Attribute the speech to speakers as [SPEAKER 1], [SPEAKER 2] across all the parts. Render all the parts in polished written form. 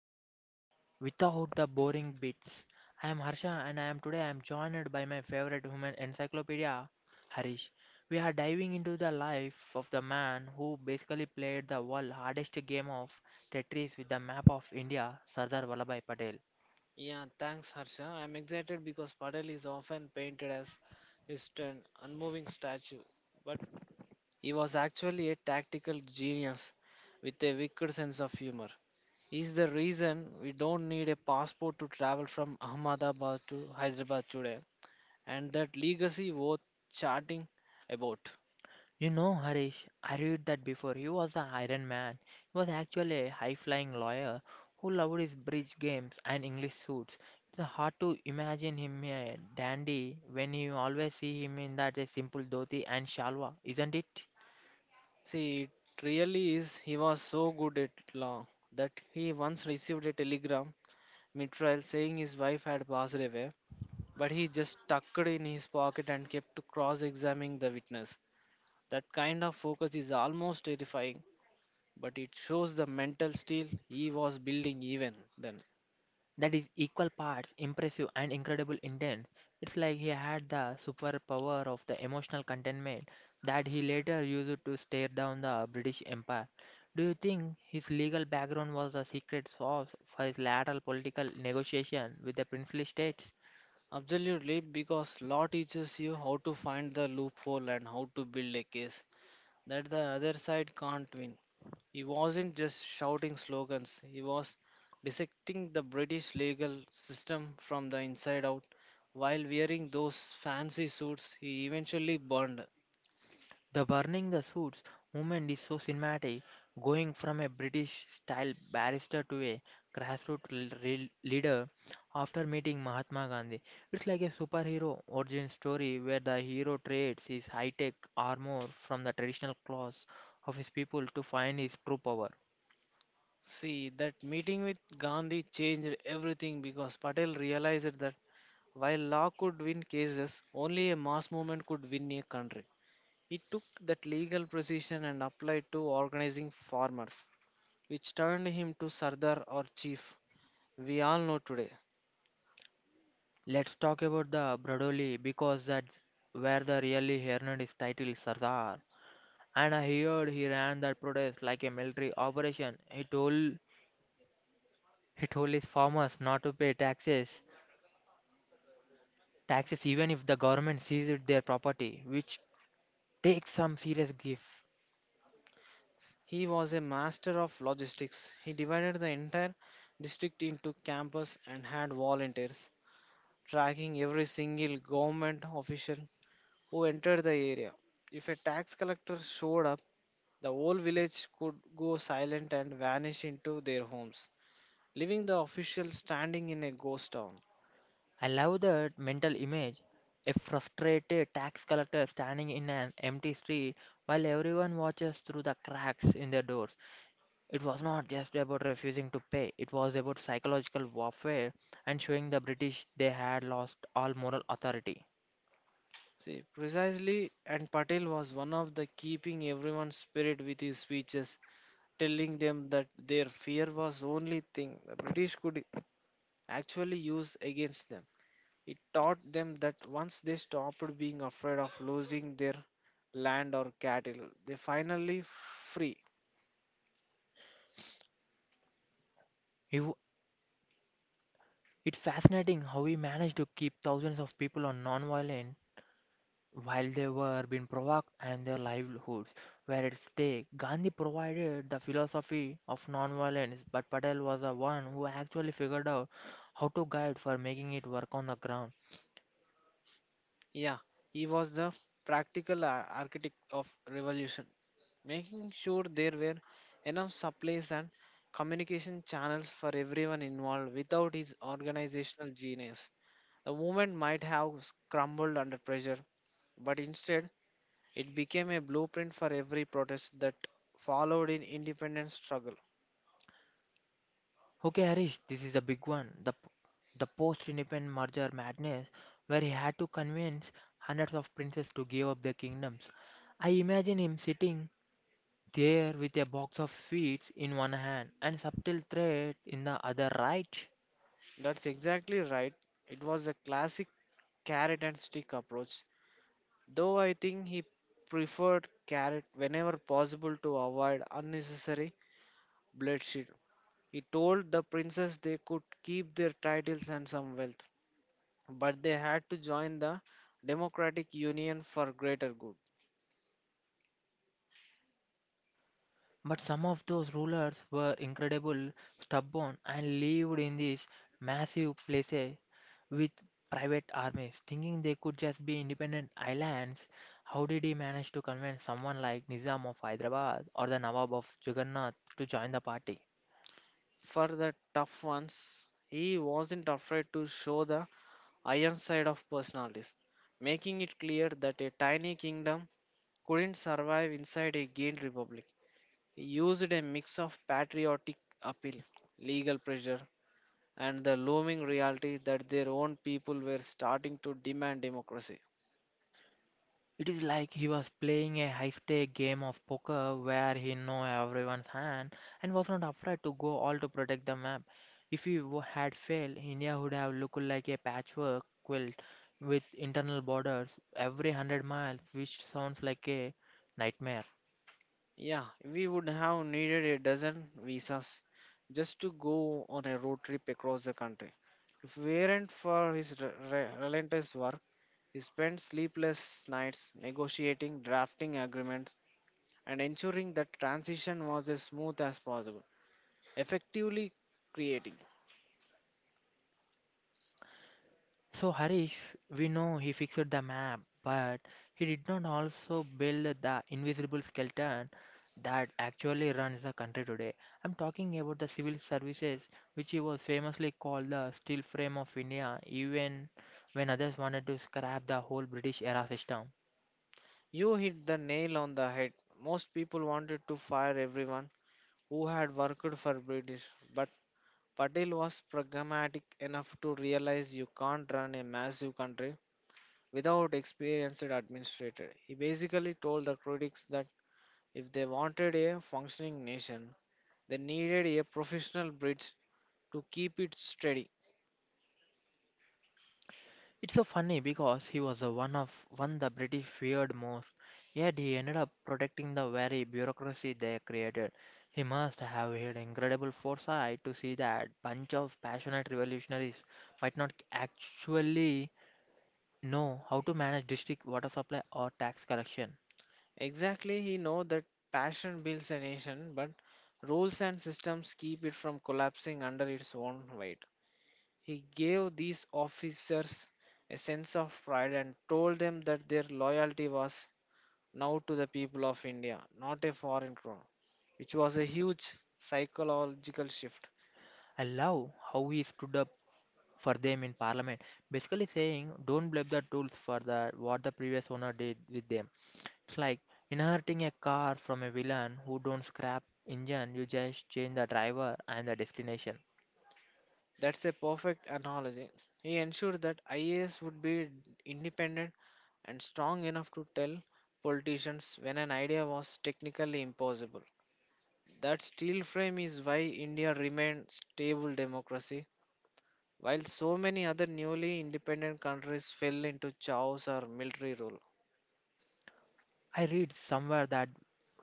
[SPEAKER 1] History Without the Boring Bits. I am Harsha and I am today I am joined by my favorite human encyclopedia, Harish. We are diving into the life of the man who basically played the world hardest game of Tetris with the map of India, Sardar Vallabhai Patel.
[SPEAKER 2] Yeah, thanks, Harsha. I'm excited because Patel is often painted as his stern, unmoving statue, but he was actually a tactical genius with a wicked sense of humor. He's the reason we don't need a passport to travel from Ahmedabad to Hyderabad today, and that legacy worth chatting about.
[SPEAKER 1] You know, Harish, I read that before. He was an Iron Man. He was actually a high flying lawyer who loved his bridge games and English suits. It's hard to imagine him a dandy when you always see him in that simple dhoti and shalwa, isn't it?
[SPEAKER 2] See, it really is. He was so good at law that he once received a telegram mid-trial saying his wife had passed away but he just tucked it in his pocket and kept cross examining the witness. That kind of focus is almost terrifying, but it shows the mental steel he was building even then.
[SPEAKER 1] That is equal parts impressive and incredible intense. It's like he had the superpower of the emotional containment that he later used to stare down the British Empire. Do you think his legal background was the secret sauce for his lateral political negotiation with the princely states?
[SPEAKER 2] Absolutely, because law teaches you how to find the loophole and how to build a case that the other side can't win. He wasn't just shouting slogans, he was dissecting the British legal system from the inside out while wearing those fancy suits he eventually burned.
[SPEAKER 1] The burning the suits movement is so cinematic, going from a British style barrister to a grassroots leader after meeting Mahatma Gandhi. It's like a superhero origin story where the hero trades his high tech armor from the traditional clothes of his people to find his true power.
[SPEAKER 2] See, that meeting with Gandhi changed everything because Patel realized that while law could win cases, only a mass movement could win a country. He took that legal precision and applied to organizing farmers, which turned him to Sardar or chief we all know today.
[SPEAKER 1] Let's talk about the Bradoli, because that's where the really earned his title Sardar. And I heard he ran that protest like a military operation. He told his farmers not to pay taxes, taxes even if the government seized their property, which takes some serious grief.
[SPEAKER 2] He was a master of logistics. He divided the entire district into campus and had volunteers tracking every single government official who entered the area. If a tax collector showed up, the whole village could go silent and vanish into their homes, leaving the official standing in a ghost town.
[SPEAKER 1] I love that mental image. A frustrated tax collector standing in an empty street while everyone watches through the cracks in their doors. It was not just about refusing to pay, it was about psychological warfare and showing the British they had lost all moral authority.
[SPEAKER 2] See, precisely, and Patel was one of the keeping everyone's spirit with his speeches, telling them that their fear was only thing the British could actually use against them. It taught them that once they stopped being afraid of losing their land or cattle, they finally free.
[SPEAKER 1] He w- it's fascinating how he managed to keep thousands of people on non-violent. While they were being provoked and their livelihoods were at stake, Gandhi provided the philosophy of nonviolence, but Patel was the one who actually figured out how to guide for making it work on the ground.
[SPEAKER 2] Yeah, he was the practical architect of revolution, making sure there were enough supplies and communication channels for everyone involved. Without his organizational genius, the movement might have crumbled under pressure, but instead it became a blueprint for every protest that followed in independent struggle.
[SPEAKER 1] Okay, Harish, this is a big one. The post-independent merger madness, where he had to convince hundreds of princes to give up their kingdoms. I imagine him sitting there with a box of sweets in one hand and subtle threat in the other, right?
[SPEAKER 2] That's exactly right. It was a classic carrot and stick approach. Though I think he preferred carrot whenever possible to avoid unnecessary bloodshed. He told the princess they could keep their titles and some wealth, but they had to join the Democratic Union for greater good.
[SPEAKER 1] But some of those rulers were incredible, stubborn, and lived in these massive places with private armies, thinking they could just be independent islands. How did he manage to convince someone like Nizam of Hyderabad or the Nawab of Jagannath to join the party?
[SPEAKER 2] For the tough ones, he wasn't afraid to show the iron side of personalities, making it clear that a tiny kingdom couldn't survive inside a gained republic. Used a mix of patriotic appeal, legal pressure, and the looming reality that their own people were starting to demand democracy.
[SPEAKER 1] It is like he was playing a high stake game of poker where he knew everyone's hand and was not afraid to go all to protect the map. If had failed, India would have looked like a patchwork quilt with internal borders every hundred miles, which sounds like a nightmare.
[SPEAKER 2] Yeah, we would have needed a dozen visas just to go on a road trip across the country. If it weren't for his relentless work, he spent sleepless nights negotiating, drafting agreements, and ensuring that transition was as smooth as possible, effectively creating.
[SPEAKER 1] So, Harish, we know he fixed the map, but he did not also build the invisible skeleton that actually runs the country today. I'm talking about the civil services, which he was famously called the steel frame of India, even when others wanted to scrap the whole British era system.
[SPEAKER 2] You hit the nail on the head. Most people wanted to fire everyone who had worked for British, but Patel was pragmatic enough to realize you can't run a massive country without experienced administrator. He basically told the critics that if they wanted a functioning nation, they needed a professional bridge to keep it steady.
[SPEAKER 1] It's so funny because he was the one of one the British feared most, yet he ended up protecting the very bureaucracy they created. He must have had incredible foresight to see that bunch of passionate revolutionaries might not actually know how to manage district water supply or tax collection.
[SPEAKER 2] Exactly, he know that passion builds a nation, but rules and systems keep it from collapsing under its own weight. He gave these officers a sense of pride and told them that their loyalty was now to the people of India, not a foreign crown, which was a huge psychological shift.
[SPEAKER 1] I love how he stood up for them in parliament, basically saying, "Don't blame the tools for the what the previous owner did with them." It's like inheriting a car from a villain who don't scrap engine, you just change the driver and the destination.
[SPEAKER 2] That's a perfect analogy. He ensured that IAS would be independent and strong enough to tell politicians when an idea was technically impossible. That steel frame is why India remained stable democracy while so many other newly independent countries fell into chaos or military rule.
[SPEAKER 1] I read somewhere that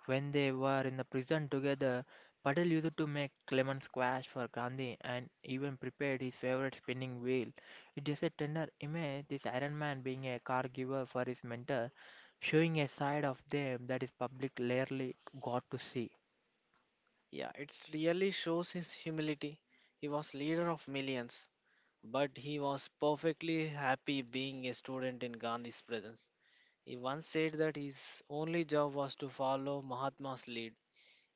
[SPEAKER 1] when they were in the prison together, Patel used to make lemon squash for Gandhi and even prepared his favorite spinning wheel. It is a tender image, this Iron Man being a car giver for his mentor, showing a side of them that is public rarely got to see.
[SPEAKER 2] Yeah, it really shows his humility. He was leader of millions, but he was perfectly happy being a student in Gandhi's presence. He once said that his only job was to follow Mahatma's lead,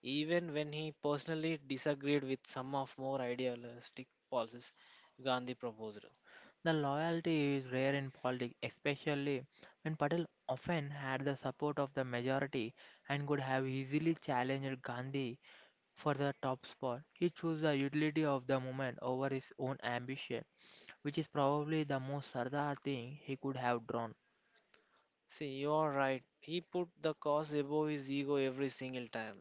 [SPEAKER 2] even when he personally disagreed with some of more idealistic policies Gandhi proposed.
[SPEAKER 1] The loyalty is rare in politics, especially when Patel often had the support of the majority and could have easily challenged Gandhi for the top spot. He chose the utility of the moment over his own ambition, which is probably the most Sardar thing he could have drawn.
[SPEAKER 2] See, you are right. He put the cause above his ego every single time.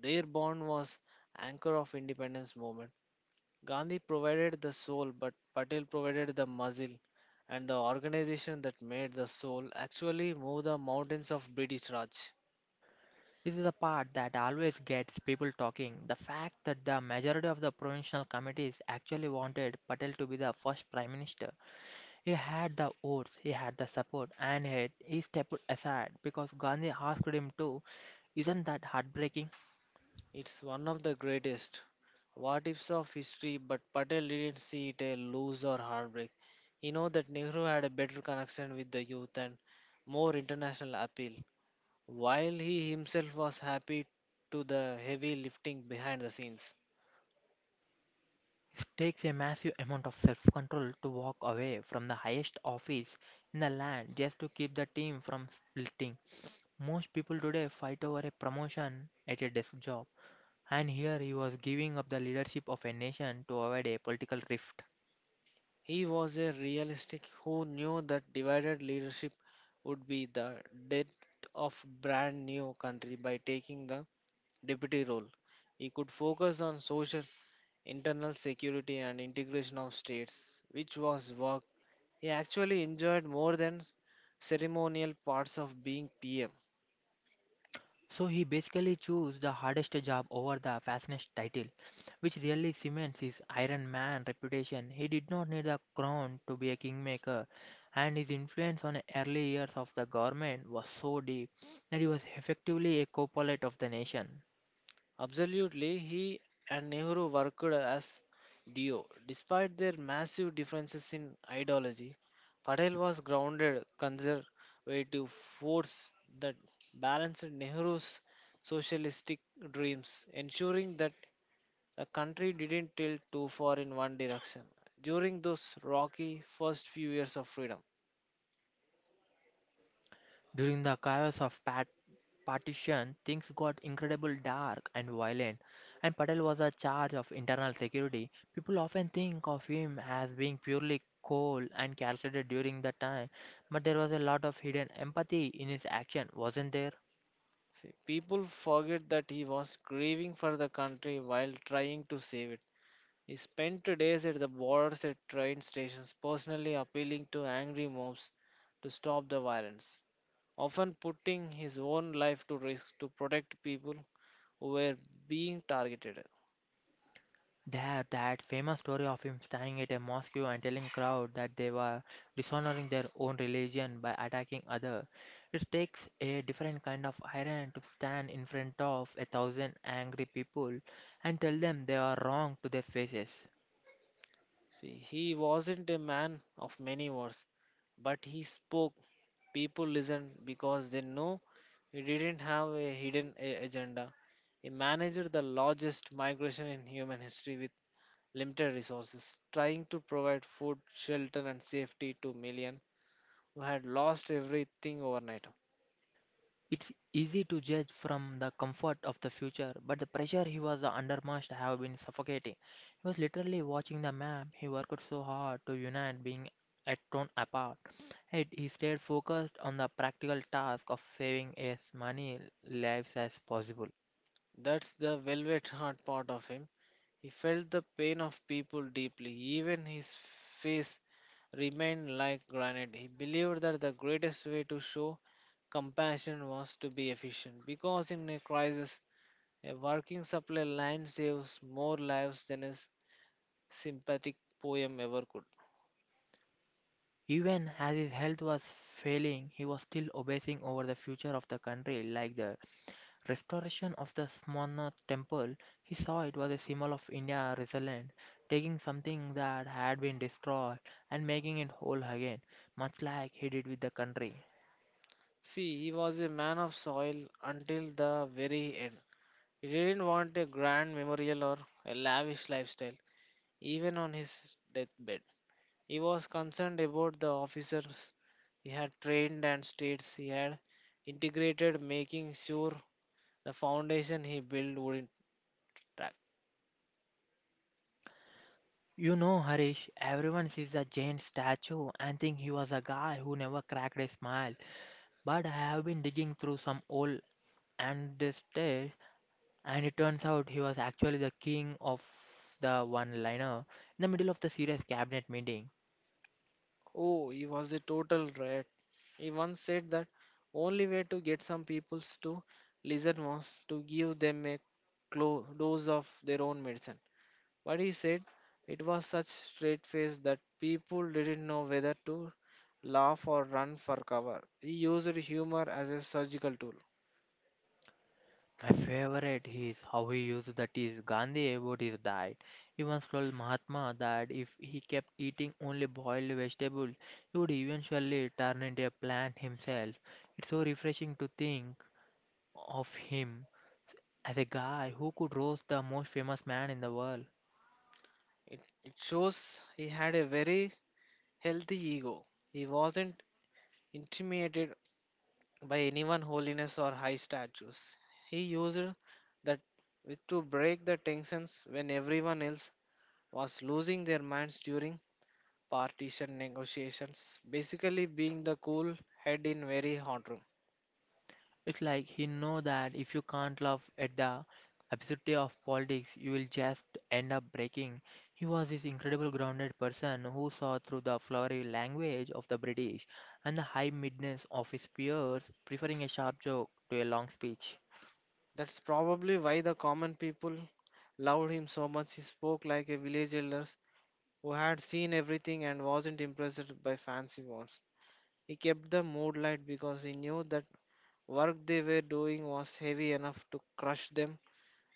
[SPEAKER 2] Their bond was anchor of independence movement. Gandhi provided the soul, but Patel provided the muscle and the organization that made the soul actually move the mountains of British Raj.
[SPEAKER 1] This is the part that always gets people talking. The fact that the majority of the provincial committees actually wanted Patel to be the first prime minister. He had the oaths, he had the support, and yet he stepped aside because Gandhi asked him to. Isn't that heartbreaking?
[SPEAKER 2] It's one of the greatest what ifs of history, but Patel didn't see it a lose or heartbreak. He knew that Nehru had a better connection with the youth and more international appeal. While he himself was happy to the heavy lifting behind the scenes,
[SPEAKER 1] It takes a massive amount of self control to walk away from the highest office in the land just to keep the team from splitting. Most people today fight over a promotion at a desk job, and here he was giving up the leadership of a nation to avoid a political rift.
[SPEAKER 2] he was a realistic who knew that divided leadership would be the death of brand new country by taking the deputy role. He could focus on social, internal security and integration of states, which was work he actually enjoyed more than ceremonial parts of being PM.
[SPEAKER 1] So he basically chose the hardest job over the fastest title, which really cements his Iron Man reputation. He did not need the crown to be a kingmaker, and his influence on the early years of the government was so deep that he was effectively a co-pilot of the nation.
[SPEAKER 2] Absolutely, he and Nehru worked as duo. Despite their massive differences in ideology, Patel was grounded conservative force that balanced Nehru's socialistic dreams, ensuring that the country didn't tilt too far in one direction. During those rocky first few years of freedom,
[SPEAKER 1] During the chaos of Pat partition, things got incredibly dark and violent, and Patel was a charge of internal security. People often think of him as being purely cold and calculated during the time, but there was a lot of hidden empathy in his action, wasn't there?
[SPEAKER 2] see, people forget that he was grieving for the country while trying to save it. He spent days at the borders at train stations, personally appealing to angry mobs to stop the violence, often putting his own life to risk to protect people who were being targeted.
[SPEAKER 1] There, that famous story of him standing at a mosque and telling crowd that they were dishonoring their own religion by attacking other. It takes a different kind of iron to stand in front of a thousand angry people and tell them they are wrong to their faces.
[SPEAKER 2] See, he wasn't a man of many words, but he spoke. People listened because they know he didn't have a hidden agenda. He managed the largest migration in human history with limited resources, trying to provide food, shelter, and safety to millions who had lost everything overnight.
[SPEAKER 1] It's easy to judge from the comfort of the future, but the pressure he was under must have been suffocating. He was literally watching the map he worked so hard to unite being at torn apart. Yet he stayed focused on the practical task of saving as many lives as possible.
[SPEAKER 2] That's the velvet heart part of him. He felt the pain of people deeply. Even his face remained like granite. He believed that the greatest way to show compassion was to be efficient, because in a crisis, a working supply line saves more lives than a sympathetic poem ever could.
[SPEAKER 1] Even as his health was failing, he was still obsessing over the future of the country like the. Restoration of the Somnath temple, he saw it was a symbol of India's resilience, taking something that had been destroyed and making it whole again, much like he did with the country.
[SPEAKER 2] See, he was a man of soil until the very end. He didn't want a grand memorial or a lavish lifestyle, even on his deathbed. He was concerned about the officers he had trained and states he had integrated, making sure the foundation he built wouldn't crack.
[SPEAKER 1] You know, Harish, everyone sees a giant statue and think he was a guy who never cracked a smile. But I have been digging through some old ancestors, and it turns out he was actually the king of the one liner in the middle of the serious cabinet meeting.
[SPEAKER 2] Oh, he was a total rat. He once said that only way to get some peoples to listen was to give them a dose of their own medicine. But he said it was such straight face that people didn't know whether to laugh or run for cover. He used humor as a surgical tool.
[SPEAKER 1] My favorite is how he used that is Gandhi about his diet. He once told Mahatma that if he kept eating only boiled vegetables, he would eventually turn into a plant himself. It's so refreshing to think of him as a guy who could roast the most famous man in the world.
[SPEAKER 2] It shows he had a very healthy ego. He wasn't intimidated by anyone holiness or high statues. He used that to break the tensions when everyone else was losing their minds during partition negotiations, basically being the cool head in very hot room.
[SPEAKER 1] It's like he know that if you can't laugh at the absurdity of politics, you will just end up breaking. He was this incredible grounded person who saw through the flowery language of the British and the high midness of his peers, preferring a sharp joke to a long speech.
[SPEAKER 2] That's probably why the common people loved him so much. He spoke like a village elder who had seen everything and wasn't impressed by fancy words. He kept the mood light because he knew that work they were doing was heavy enough to crush them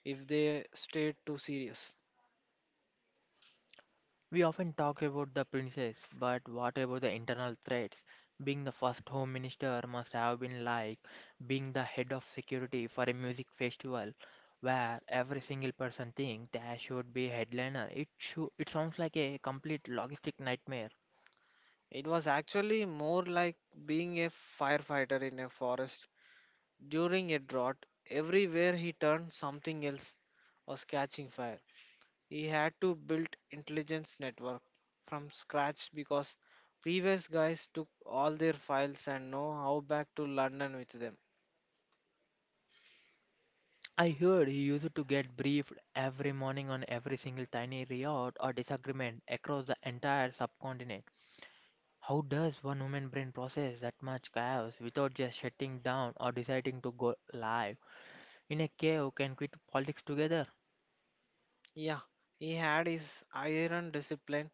[SPEAKER 2] if they stayed too serious.
[SPEAKER 1] We often talk about the princess, but what about the internal threats? Being the first home minister must have been like being the head of security for a music festival where every single person thinks there should be a headliner. It sounds like a complete logistic nightmare.
[SPEAKER 2] It was actually more like being a firefighter in a forest during a drought. Everywhere he turned, something else was catching fire. He had to build intelligence network from scratch because previous guys took all their files and know how back to London with them.
[SPEAKER 1] I heard he used to get briefed every morning on every single tiny riot or disagreement across the entire subcontinent. How does one human brain process that much chaos without just shutting down or deciding to go live? In a cave, can quit politics together?
[SPEAKER 2] Yeah, he had his iron discipline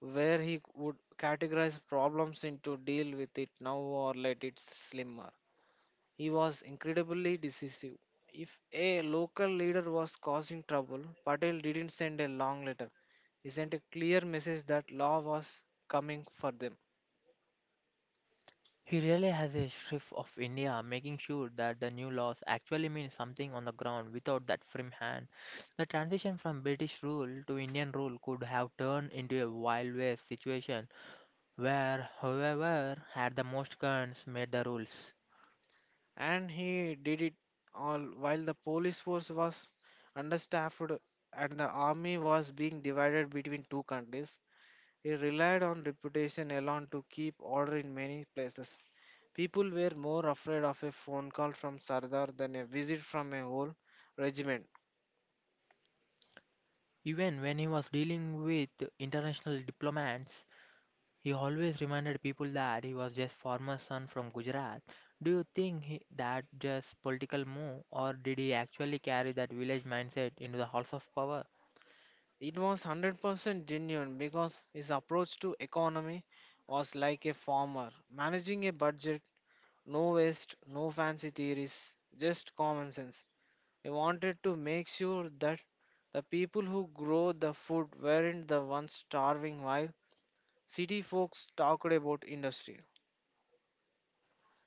[SPEAKER 2] where he would categorize problems into deal with it now or let it slimmer. He was incredibly decisive. If a local leader was causing trouble, Patel didn't send a long letter. He sent a clear message that law was coming for them.
[SPEAKER 1] He really has a shrift of India, making sure that the new laws actually mean something on the ground without that firm hand. The transition from British rule to Indian rule could have turned into a wild west situation where whoever had the most guns made the rules.
[SPEAKER 2] And he did it all while the police force was understaffed and the army was being divided between two countries. He relied on reputation alone to keep order in many places. People were more afraid of a phone call from Sardar than a visit from a whole regiment.
[SPEAKER 1] Even when he was dealing with international diplomats, he always reminded people that he was just farmer's son from Gujarat. Do you think he, that just political move or did he actually carry that village mindset into the halls of power?
[SPEAKER 2] It was 100% genuine because his approach to economy was like a farmer, managing a budget, no waste, no fancy theories, just common sense. They wanted to make sure that the people who grow the food weren't the ones starving while city folks talked about industry.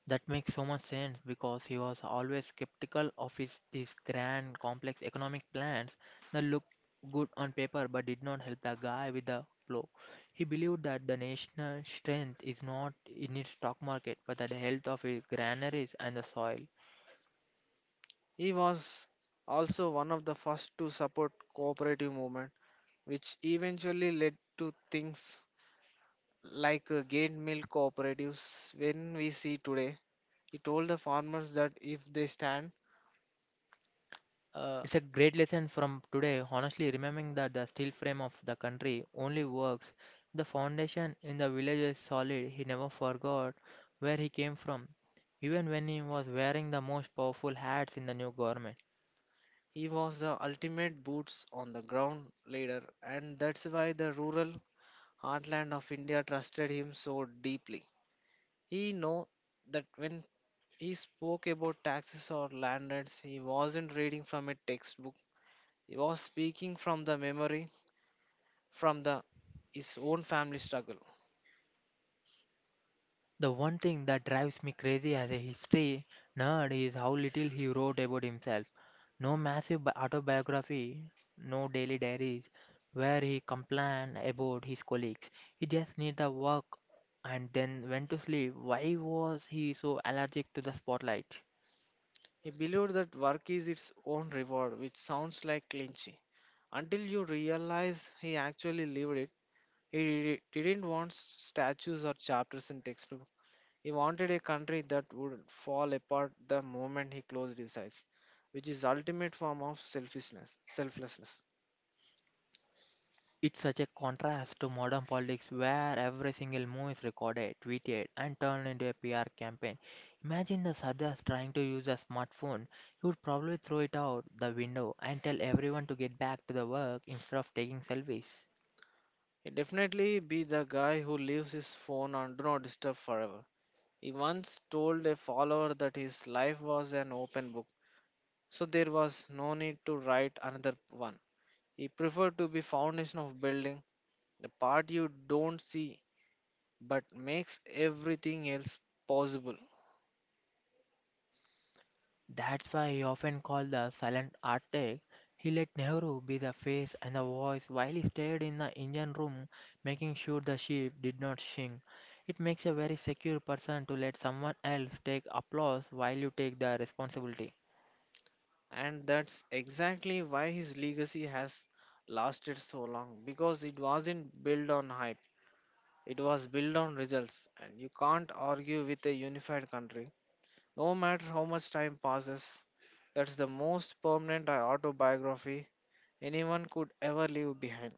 [SPEAKER 1] That makes so much sense because he was always skeptical of his these grand complex economic plans that looked good on paper but did not help the guy with the flow. He believed that the national strength is not in its stock market but the health of its granaries and the soil.
[SPEAKER 2] He was also one of the first to support cooperative movement, which eventually led to things like gain milk cooperatives when we see today. He told the farmers that if they stand uh,
[SPEAKER 1] It's a great lesson from today, honestly, remembering that the steel frame of the country only works. The foundation in the village is solid. He never forgot where he came from, even when he was wearing the most powerful hats in the new government.
[SPEAKER 2] He was the ultimate boots on the ground leader, and that's why the rural heartland of India trusted him so deeply. He knew that when he spoke about taxes or land rents, he wasn't reading from a textbook. He was speaking from the memory, from the his own family struggle.
[SPEAKER 1] The one thing that drives me crazy as a history nerd is how little he wrote about himself. No massive autobiography, no daily diaries where he complained about his colleagues. He just did the work and then went to sleep. Why was he so allergic to the spotlight?
[SPEAKER 2] He believed that work is its own reward, which sounds like clinchy. Until you realize he actually lived it, he didn't want statues or chapters in textbook. He wanted a country that would fall apart the moment he closed his eyes, which is ultimate form of selfishness, selflessness.
[SPEAKER 1] It's such a contrast to modern politics where every single move is recorded, tweeted, and turned into a PR campaign. Imagine the Sardas trying to use a smartphone. He would probably throw it out the window and tell everyone to get back to the work instead of taking selfies.
[SPEAKER 2] He definitely be the guy who leaves his phone on do not disturb forever. He once told a follower that his life was an open book, so there was no need to write another one. He preferred to be foundation of building, the part you don't see but makes everything else possible.
[SPEAKER 1] That's why he often called the silent Arctic. He let Nehru be the face and the voice while he stayed in the engine room, making sure the ship did not sink. It makes a very secure person to let someone else take applause while you take the responsibility.
[SPEAKER 2] And that's exactly why his legacy has lasted so long, because it wasn't built on hype, it was built on results. And you can't argue with a unified country, no matter how much time passes. That's the most permanent autobiography anyone could ever leave behind.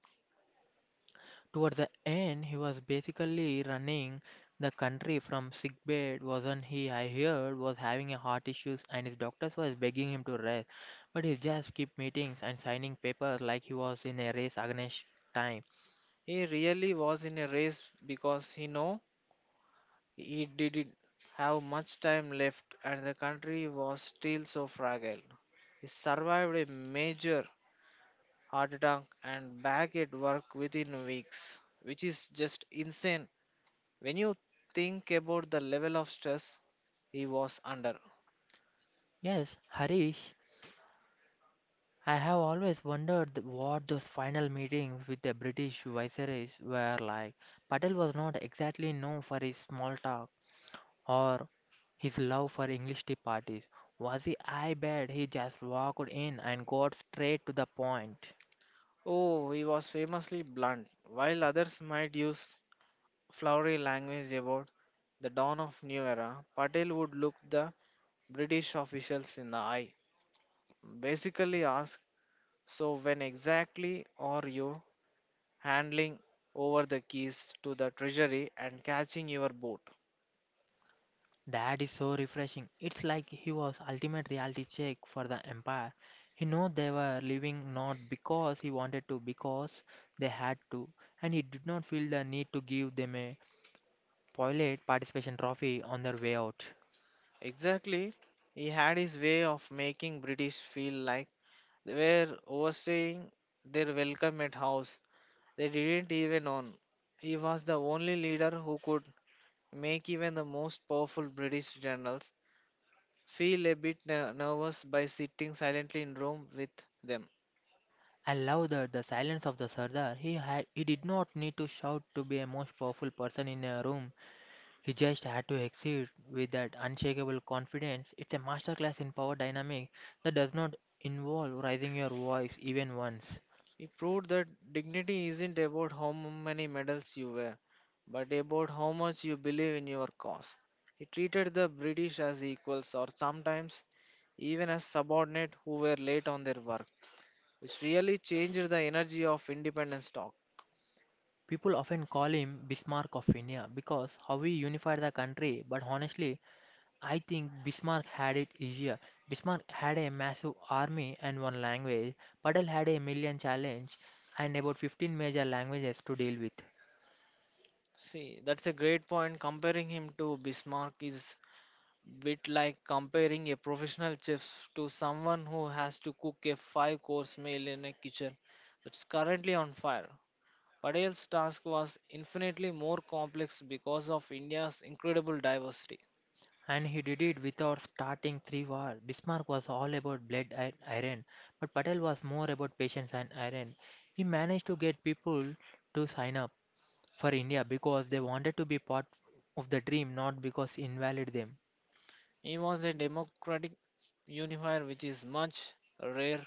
[SPEAKER 1] Towards the end, he was basically running the country from sickbed, wasn't he? I heard was having a heart issues and his doctors was begging him to rest, but he just kept meetings and signing papers like he was in a race against time.
[SPEAKER 2] He really was in a race because he know it didn't have much time left, and the country was still so fragile. He survived a major heart attack and back at work within weeks, which is just insane when you think about the level of stress he was under.
[SPEAKER 1] Yes, Harish, I have always wondered what those final meetings with the British viceroys were like. Patel was not exactly known for his small talk or his love for English tea parties. Was he? I bet he just walked in and got straight to the point.
[SPEAKER 2] Oh, he was famously blunt. While others might use flowery language about the dawn of new era, Patel would look the British officials in the eye, basically ask, so, when exactly are you handling over the keys to the treasury and catching your boat?
[SPEAKER 1] That is so refreshing. It's like he was ultimate reality check for the empire. He knew they were leaving not because he wanted to, because they had to, and he did not feel the need to give them a spoiled participation trophy on their way out.
[SPEAKER 2] Exactly, he had his way of making British feel like they were overstaying their welcome at house. They didn't even own. He was the only leader who could make even the most powerful British generals feel a bit nervous by sitting silently in room with them.
[SPEAKER 1] I love that the silence of the Sardar. He did not need to shout to be a most powerful person in a room. He just had to exit with that unshakable confidence. It's a masterclass in power dynamic that does not involve raising your voice even once.
[SPEAKER 2] He proved that dignity isn't about how many medals you wear, but about how much you believe in your cause. He treated the British as equals, or sometimes even as subordinates who were late on their work, which really changed the energy of independence talk.
[SPEAKER 1] People often call him Bismarck of India because how he unified the country, but honestly, I think Bismarck had it easier. Bismarck had a massive army and one language. Patel had a million challenges and about 15 major languages to deal with.
[SPEAKER 2] See, that's a great point. Comparing him to Bismarck is bit like comparing a professional chef to someone who has to cook a five course meal in a kitchen that's currently on fire. Patel's task was infinitely more complex because of India's incredible diversity.
[SPEAKER 1] And he did it without starting three wars. Bismarck was all about blood and iron, but Patel was more about patience and iron. He managed to get people to sign up for India because they wanted to be part of the dream, not because invalid them.
[SPEAKER 2] He was a democratic unifier, which is much rare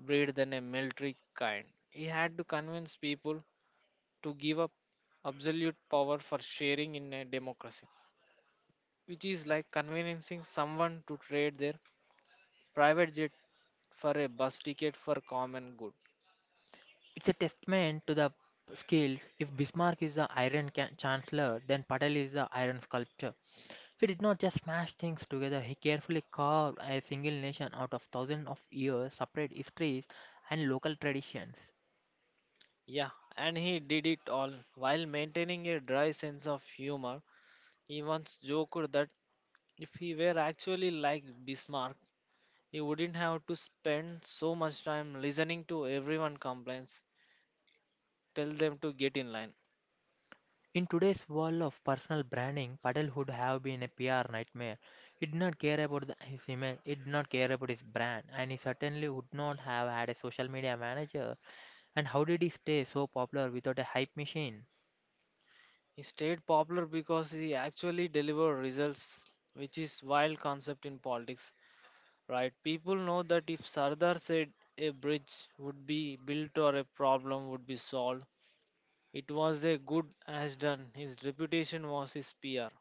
[SPEAKER 2] breed than a military kind. He had to convince people to give up absolute power for sharing in a democracy, which is like convincing someone to trade their private jet for a bus ticket for common good.
[SPEAKER 1] It's a testament to the skills. If Bismarck is the Chancellor, then Patel is the Iron Sculptor. He did not just smash things together, he carefully carved a single nation out of thousands of years, separate histories, and local traditions.
[SPEAKER 2] Yeah, and he did it all while maintaining a dry sense of humor. He once joked that if he were actually like Bismarck, he wouldn't have to spend so much time listening to everyone complaints, tell them to get in line.
[SPEAKER 1] In today's world of personal branding, Patel would have been a PR nightmare. He did not care about the, his image, he did not care about his brand, and he certainly would not have had a social media manager. And how did he stay so popular without a hype machine?
[SPEAKER 2] He stayed popular because he actually delivered results, which is wild concept in politics, right? People know that if Sardar said a bridge would be built or a problem would be solved, it was a good as done. His reputation was his PR.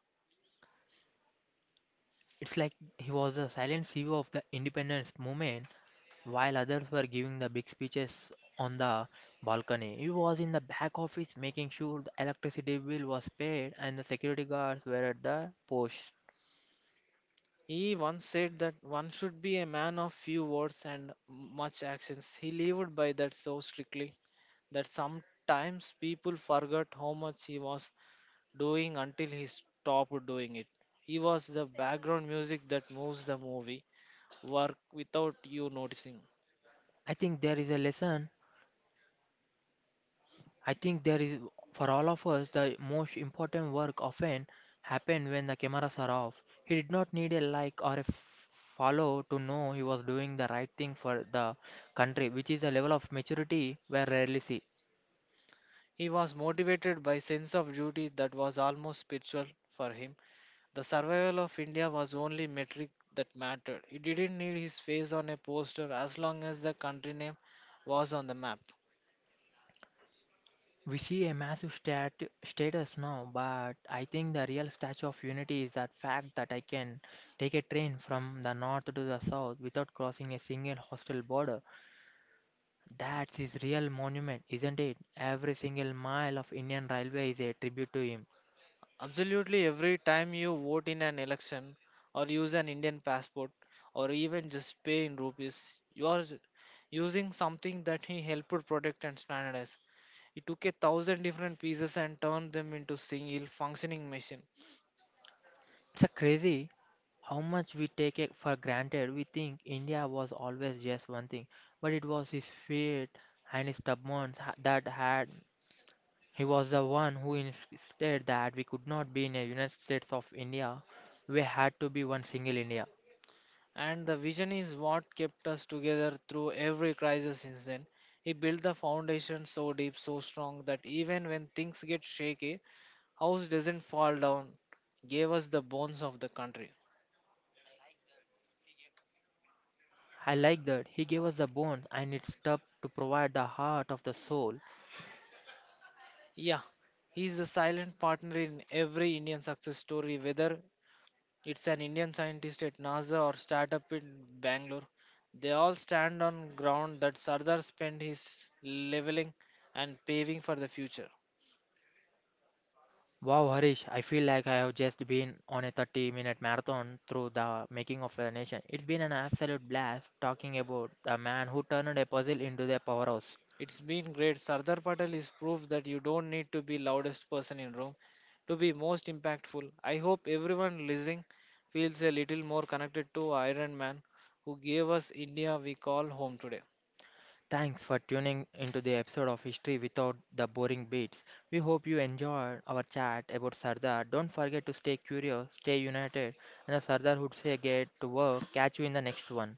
[SPEAKER 1] It's like he was a silent CEO of the independence movement while others were giving the big speeches on the balcony. He was in the back office making sure the electricity bill was paid and the security guards were at the post.
[SPEAKER 2] He once said that one should be a man of few words and much actions. He lived by that so strictly that sometimes people forgot how much he was doing until he stopped doing it. He was the background music that moves the movie work without you noticing.
[SPEAKER 1] I think there is a lesson. I think there is for all of us the most important work often happened when the cameras are off. He did not need a like or a follow to know he was doing the right thing for the country, which is a level of maturity we rarely see.
[SPEAKER 2] He was motivated by sense of duty that was almost spiritual for him. The survival of India was only metric that mattered. He didn't need his face on a poster as long as the country name was on the map.
[SPEAKER 1] We see a massive status now, but I think the real statue of unity is that fact that I can take a train from the north to the south without crossing a single hostile border. That's his real monument, isn't it? Every single mile of Indian railway is a tribute to him.
[SPEAKER 2] Absolutely, every time you vote in an election or use an Indian passport or even just pay in rupees, you are using something that he helped protect and standardize. He took a thousand different pieces and turned them into single functioning machine.
[SPEAKER 1] It's a crazy how much we take it for granted. We think India was always just one thing, but it was his fate and his stubbornness ha- that had He was the one who insisted that we could not be in a United States of India. We had to be one single India.
[SPEAKER 2] And the vision is what kept us together through every crisis since then. He built the foundation so deep, so strong that even when things get shaky, house doesn't fall down. Gave us the bones of the country.
[SPEAKER 1] I like that. He gave us the bones and it's tough to provide the heart of the soul.
[SPEAKER 2] Yeah, he's the silent partner in every Indian success story, whether it's an Indian scientist at NASA or startup in Bangalore. They all stand on ground that Sardar spent his leveling and paving for the future.
[SPEAKER 1] Wow, Harish, I feel like I have just been on a 30-minute minute marathon through the making of a nation. It's been an absolute blast talking about the man who turned a puzzle into a powerhouse.
[SPEAKER 2] It's been great. Sardar Patel is proof that you don't need to be loudest person in room to be most impactful. I hope everyone listening feels a little more connected to Iron Man who gave us India we call home today.
[SPEAKER 1] Thanks for tuning into the episode of History Without the Boring Beats. We hope you enjoyed our chat about Sardar. Don't forget to stay curious, stay united, and the Sardar would say get to work. Catch you in the next one.